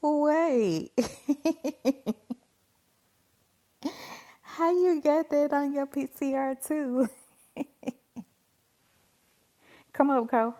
Wait, how you got that on your PCR too? Come up, Co.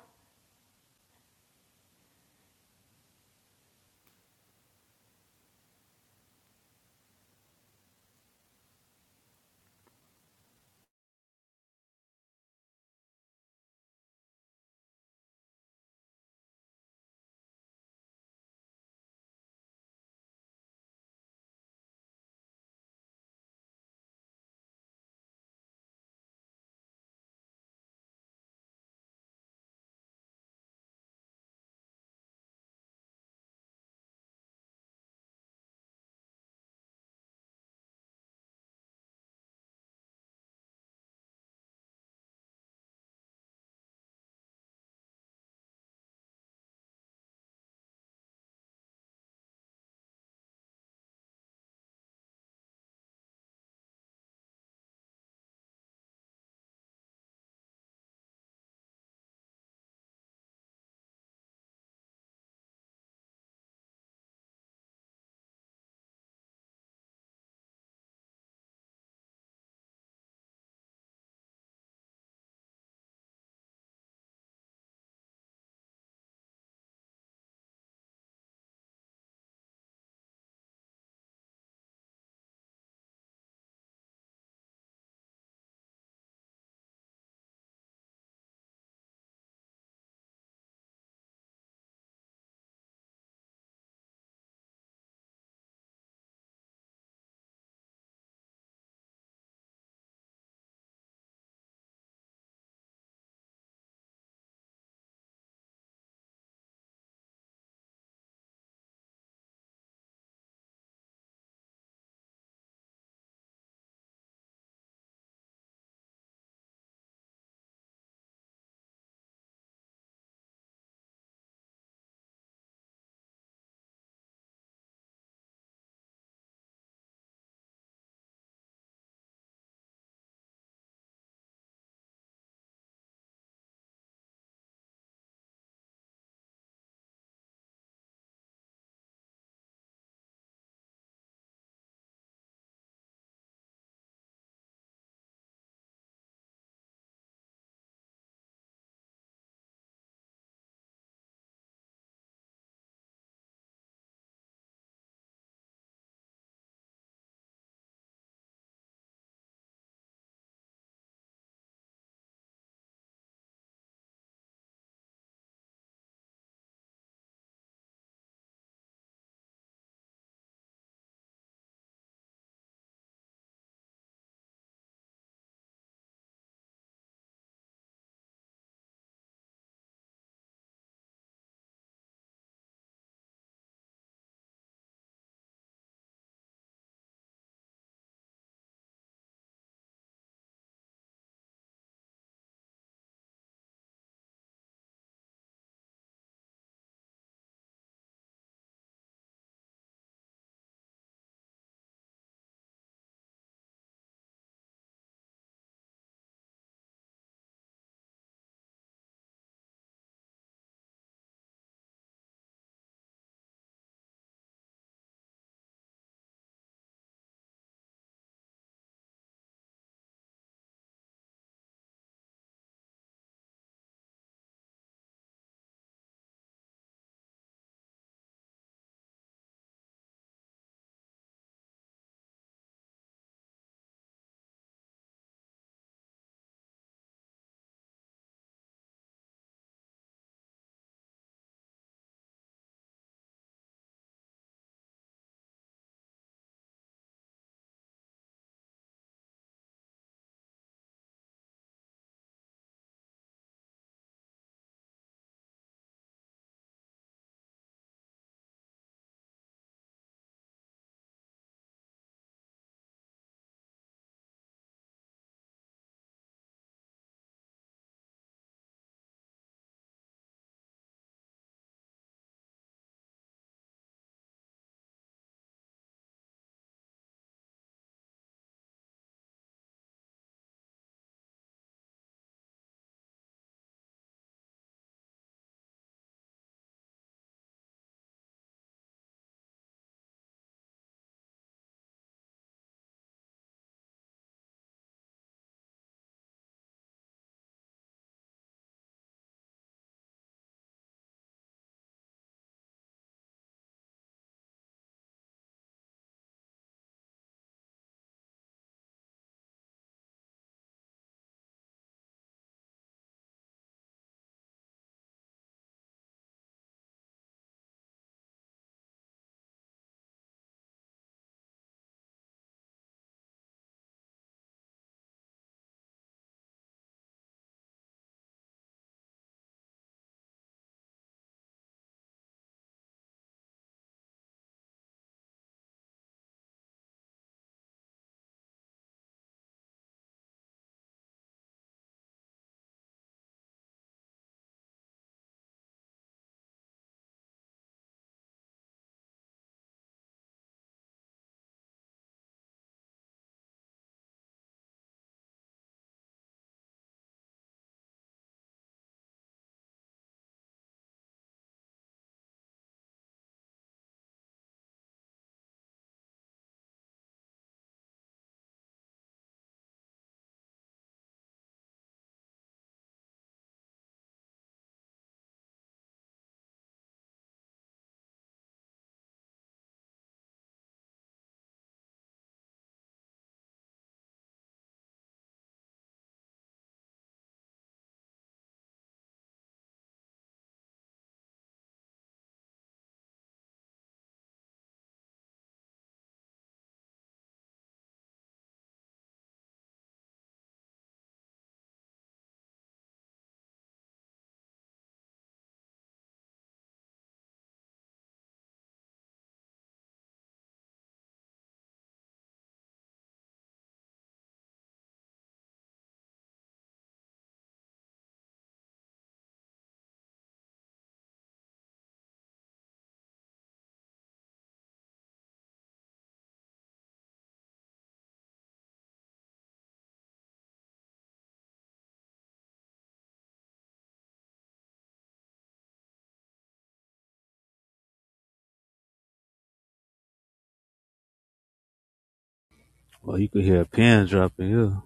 Well, you could hear a pin drop in here.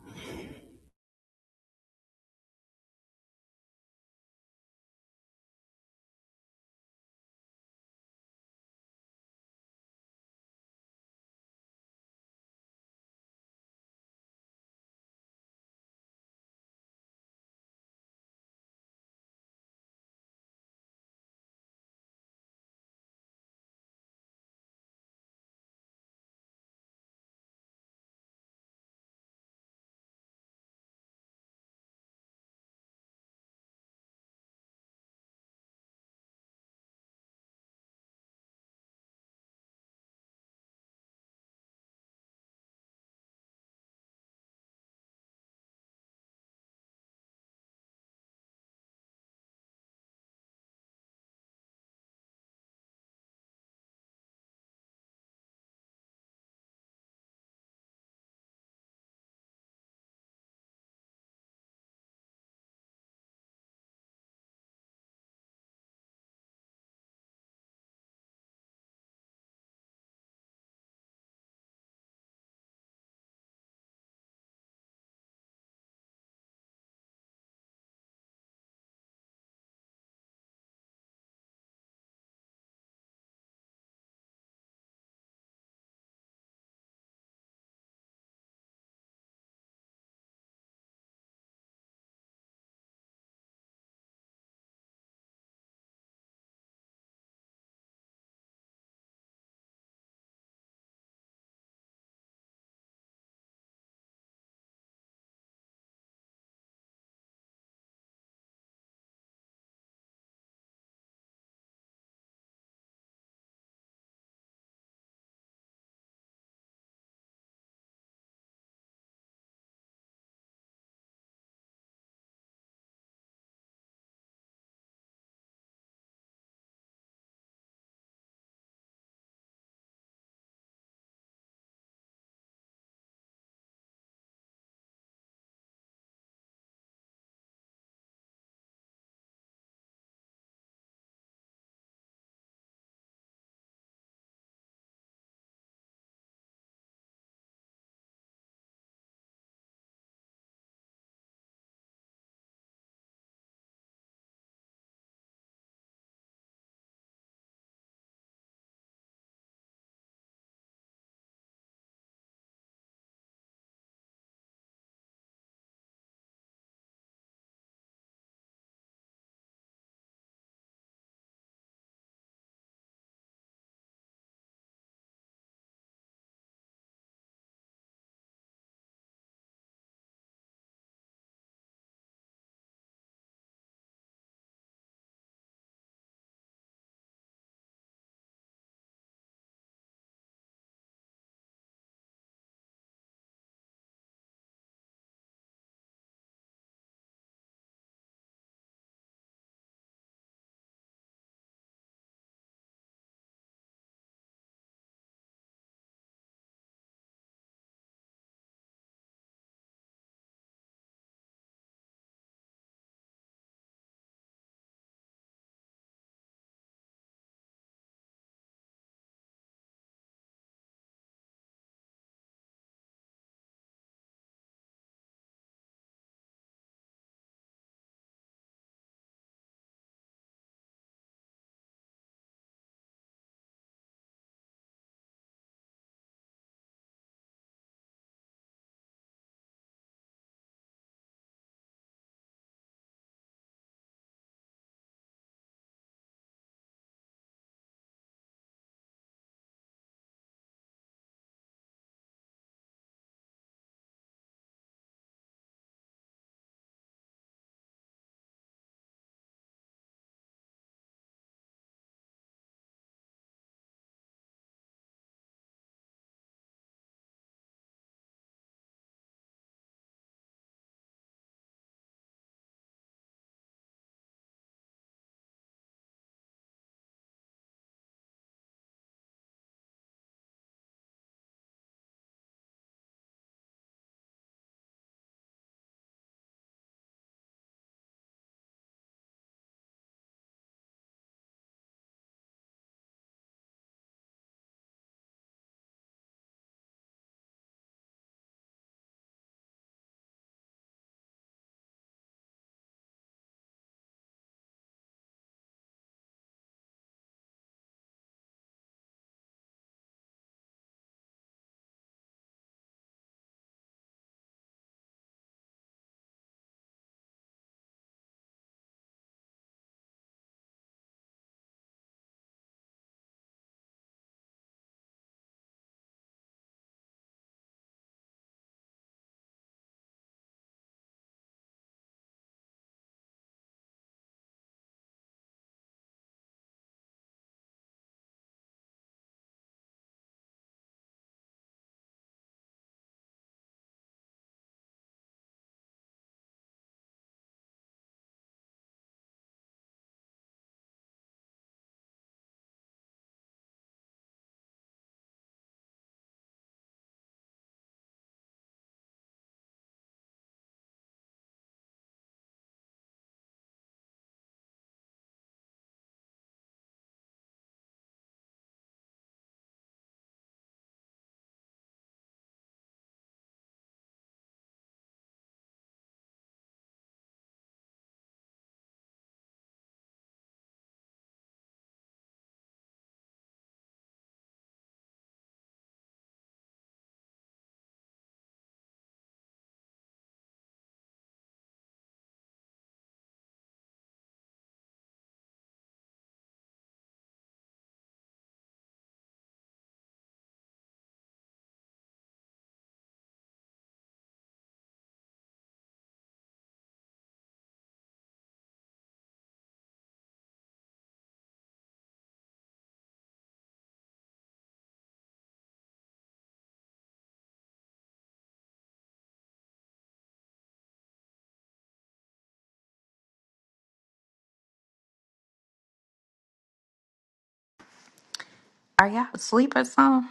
Are y'all asleep or something?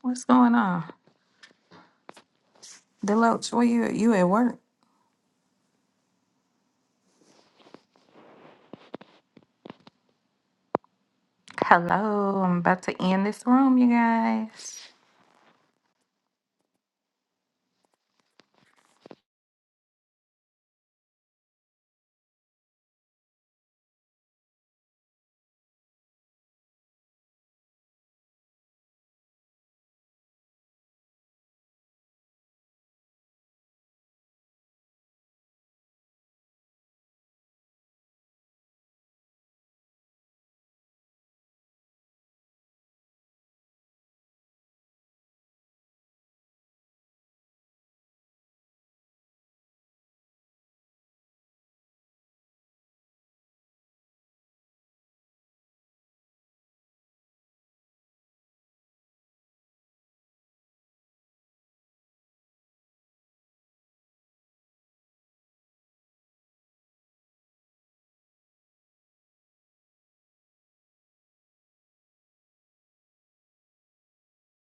What's going on? Deloach, where you you at work? Hello, I'm about to end this room, you guys.